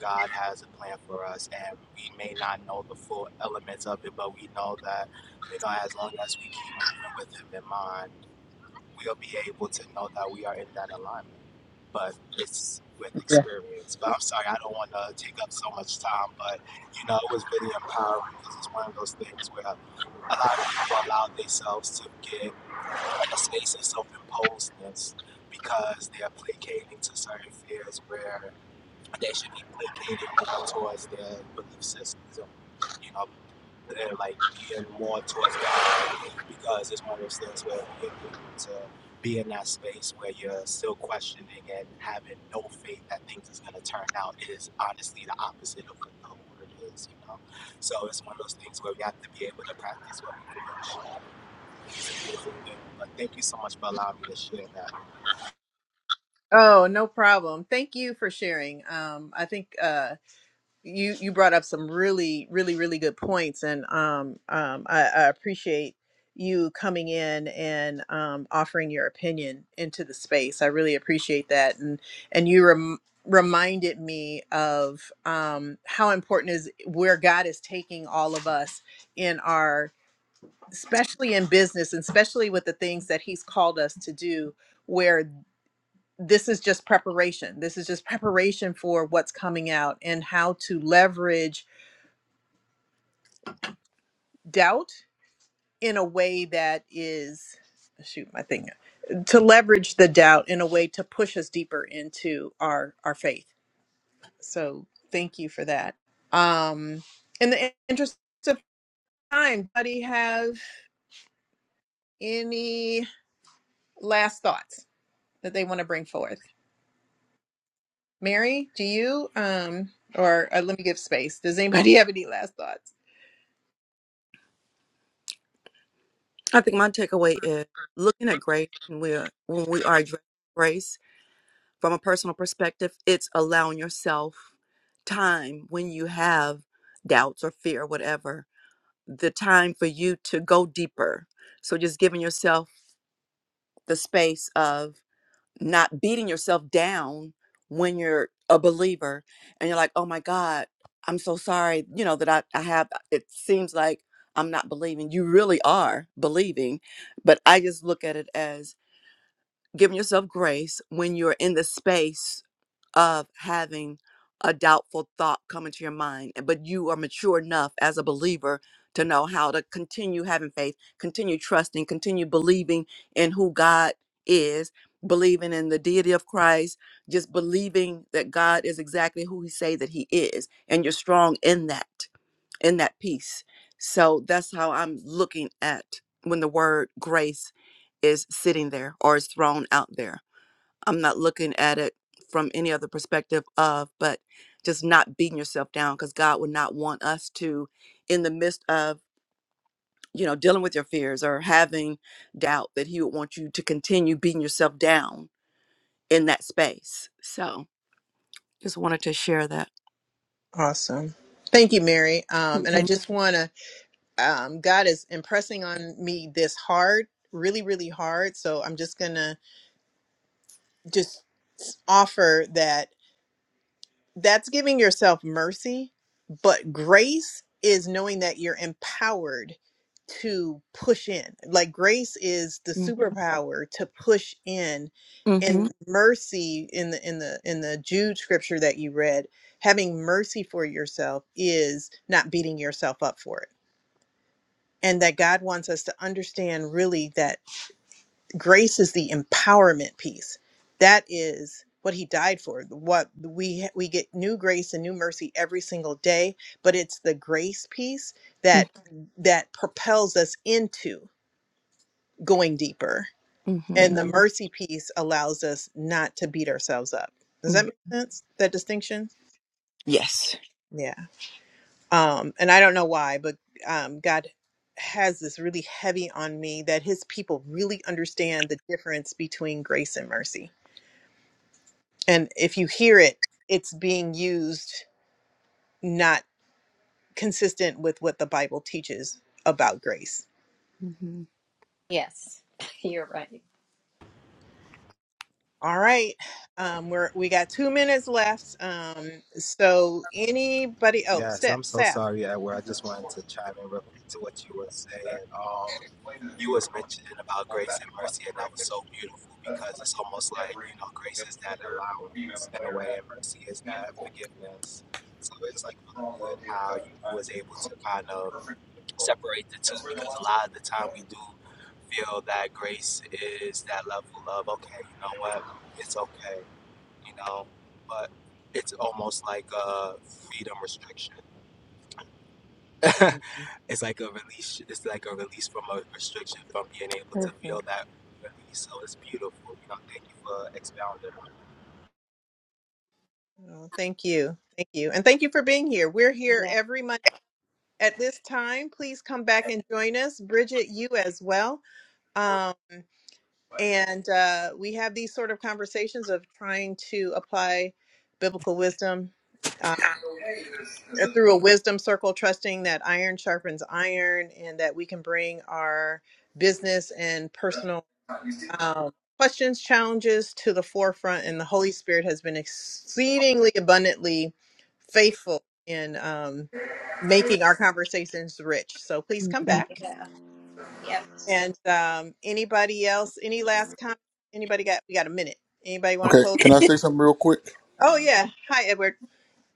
G: God has a plan for us, and we may not know the full elements of it, but we know that, you know, as long as we keep moving with Him in mind, we'll be able to know that we are in that alignment. But it's with
A: Yeah.
G: experience. But I'm sorry, I don't want to take up so much time, but, you know, it was really empowering because it's one of those things where a lot of people allow themselves to get in a space of self imposedness because they are placating to certain fears where that should be placated more towards their belief systems, you know, they're like being more towards God because it's one of those things where you need to be in that space where you're still questioning and having no faith that things is going to turn out is honestly the opposite of what the word is, you know. So it's one of those things where we have to be able to practice what we preach. It's a beautiful thing. But thank you so much for allowing me to share that.
A: Oh, no problem. Thank you for sharing. Um, I think. uh, you you brought up some really really really good points and um, um I, I appreciate you coming in and um, offering your opinion into the space i really appreciate that and and you rem- reminded me of um how important is where god is taking all of us in our especially in business and especially with the things that he's called us to do where this is just preparation this is just preparation for what's coming out and how to leverage doubt in a way that is shoot my thing to leverage the doubt in a way to push us deeper into our our faith so thank you for that um in the interest of time anybody have any last thoughts that they want to bring forth mary do you um or uh, let me give space does anybody have any last thoughts
C: I think my takeaway is looking at grace when we are, when we are addressing grace From a personal perspective, it's allowing yourself time when you have doubts or fear, or whatever, the time for you to go deeper. So just giving yourself the space of not beating yourself down when you're a believer and you're like, oh my God, I'm so sorry, you know, that I, I have, it seems like I'm not believing. You really are believing. But I just look at it as giving yourself grace when you're in the space of having a doubtful thought come into your mind, and- but you are mature enough as a believer to know how to continue having faith, continue trusting, continue believing in who God is, believing in the deity of Christ, just believing that God is exactly who he say that he is, and you're strong in that in that peace. So that's how I'm looking at when the word grace is sitting there or is thrown out there. I'm not looking at it from any other perspective of, but just not beating yourself down because God would not want us to, in the midst of, you know, dealing with your fears or having doubt, that He would want you to continue beating yourself down in that space. So just wanted to share that.
A: awesome thank you mary um and i
C: Mm-hmm.
A: just want to um, God is impressing on me this hard, really, really hard. So I'm just going to just offer that that's giving yourself mercy, but grace is knowing that you're empowered to push in. Like grace is the superpower to push in
C: Mm-hmm.
A: and mercy in the in the in the Jude scripture that you read, having mercy for yourself is not beating yourself up for it and that God wants us to understand really that grace is the empowerment piece. That is what he died for. What we we get new grace and new mercy every single day, but it's the grace piece that that propels us into going deeper. And the
C: Mm-hmm.
A: Mhm. mercy piece allows us not to beat ourselves up. Does that make sense? That distinction?
C: Yes.
A: Yeah. um and i don't know why but um god has this really heavy on me that his people really understand the difference between grace and mercy and if you hear it it's being used not consistent with what the bible teaches about grace
C: Mm-hmm.
B: Yes, you're right.
A: all right um we're we got two minutes left um so anybody oh
G: Yes,
A: Steph,
G: I'm so
A: saf
G: sorry, Edward. I just wanted to chime in real quick to what you were saying. Um, you was mentioning about grace and mercy, and that was so beautiful because it's almost like you know, grace is that allowance in a way, and mercy is that forgiveness. So it's like really good how you was able to kind of separate the two because a lot of the time we do feel that grace is that level of okay, you know what, it's okay, you know, but it's almost like a freedom restriction
A: Mhm.
G: it's like a release. It's like a release from a restriction from being able to
B: Mhm.
G: feel that release. So it's beautiful. You know, thank you for expounding.
A: Oh, thank you. Thank you. And thank you for being here. We're here
B: Yeah.
A: every month at this time. Please come back and join us. Bridget, you as well. Um, and uh, we have these sort of conversations of trying to apply biblical wisdom uh, through a wisdom circle, trusting that iron sharpens iron and that we can bring our business and personal um, questions, challenges to the forefront. And the Holy Spirit has been exceedingly abundantly faithful in um, making our conversations rich. So please come
B: Yeah.
A: back.
B: Yep.
A: And um, anybody else, any last comment? Anybody got, we got a minute. Anybody want to
H: Okay,
A: close?
H: can I say something real quick?
A: Oh,
B: Mhm.
A: yeah. Hi, Edward.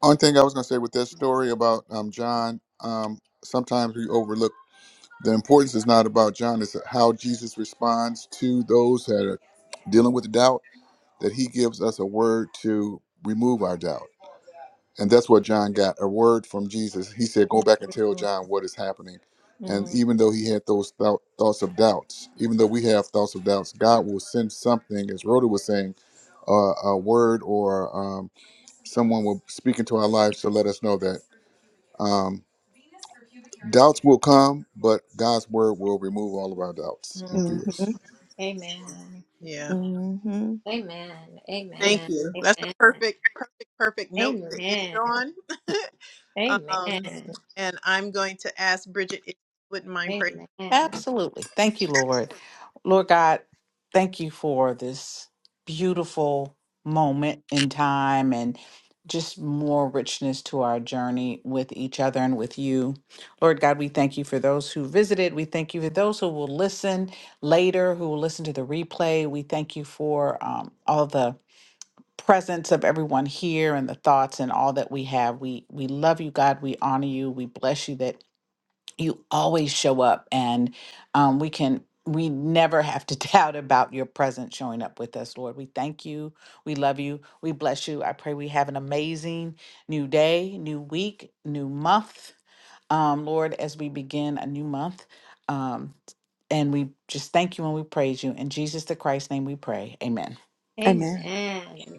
H: Only thing I was going to say with that story about um, John, um, sometimes we overlook the importance is not about John, it's how Jesus responds to those that are dealing with doubt, that he gives us a word to remove our doubt. And that's what John got a word from Jesus. He said, Go back and tell John what is happening. And even though he had those thou- thoughts of doubts, even though we have thoughts of doubts, God will send something, as Rhoda was saying, uh, a word or. Um, someone will speak into our lives to let us know that um, doubts will come, but God's word will remove all of our doubts and
B: Mhm.
H: fears.
C: Mm-hmm.
B: Amen.
C: Mm-hmm.
B: Amen.
A: Thank
B: Amen.
A: you. That's a
B: Amen.
A: perfect, perfect, perfect note
B: Amen.
A: to end on.
B: Amen.
A: um, and I'm going to ask Bridget if you wouldn't mind praying.
B: Amen.
D: Absolutely. Thank you, Lord. Lord God, thank you for this beautiful moment in time and just more richness to our journey with each other and with you. Lord God, we thank you for those who visited. We thank you for those who will listen later, who will listen to the replay. We thank you for um, all the presence of everyone here and the thoughts and all that we have. We we love you, God. We honor you. We bless you that you always show up and um, we can we never have to doubt about your presence showing up with us lord we thank you we love you we bless you i pray we have an amazing new day new week new month um, lord as we begin a new month um, and we just thank you and we praise you in jesus the christ's name we pray amen
B: Amen.
C: Amen.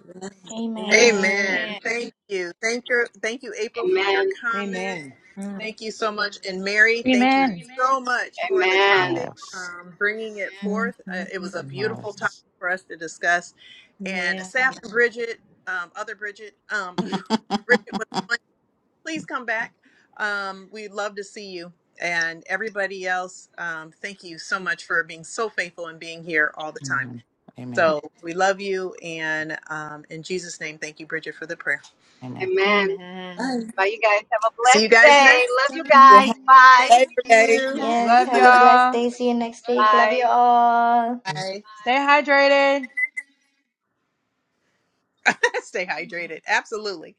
B: Amen.
I: Amen.
A: Amen.
B: Amen.
A: Thank you. Thank you. Thank you, April, for your
E: Amen.
A: comment.
F: Amen.
B: Mhm.
A: Thank you so much. And Mary, thank you
J: Amen.
A: so much for the
E: Amen.
A: topic,
D: Yes.
A: um, bringing it forth. Uh, it was
B: Mhm.
A: a beautiful topic
D: Yes.
A: for us to discuss. And
B: Yeah.
A: Saf and Bridget, um, other Bridget, um, Bridget was please come back. Um, we'd love to see you. And everybody else, um, thank you so much for being so faithful and being here all the time.
D: amen amen
A: So we love you. And um, in Jesus' name, thank you, Bridget, for the prayer.
D: amen
E: Amen.
B: Amen.
A: Bye.
E: Bye, you guys. Have a
A: See
E: blessed
A: you guys
E: day.
A: next
E: Love you
A: time.
C: Yeah,
D: Mm.
E: guys.
C: happy
E: Bye.
A: Thank
C: Labor Day.
A: you.
I: Yes.
F: Love
D: Bye.
I: Have a blessed
F: y'all.
I: day. See you next week. Love
E: Bye.
I: you all.
A: Bye.
F: Stay hydrated.
A: Stay hydrated. Absolutely.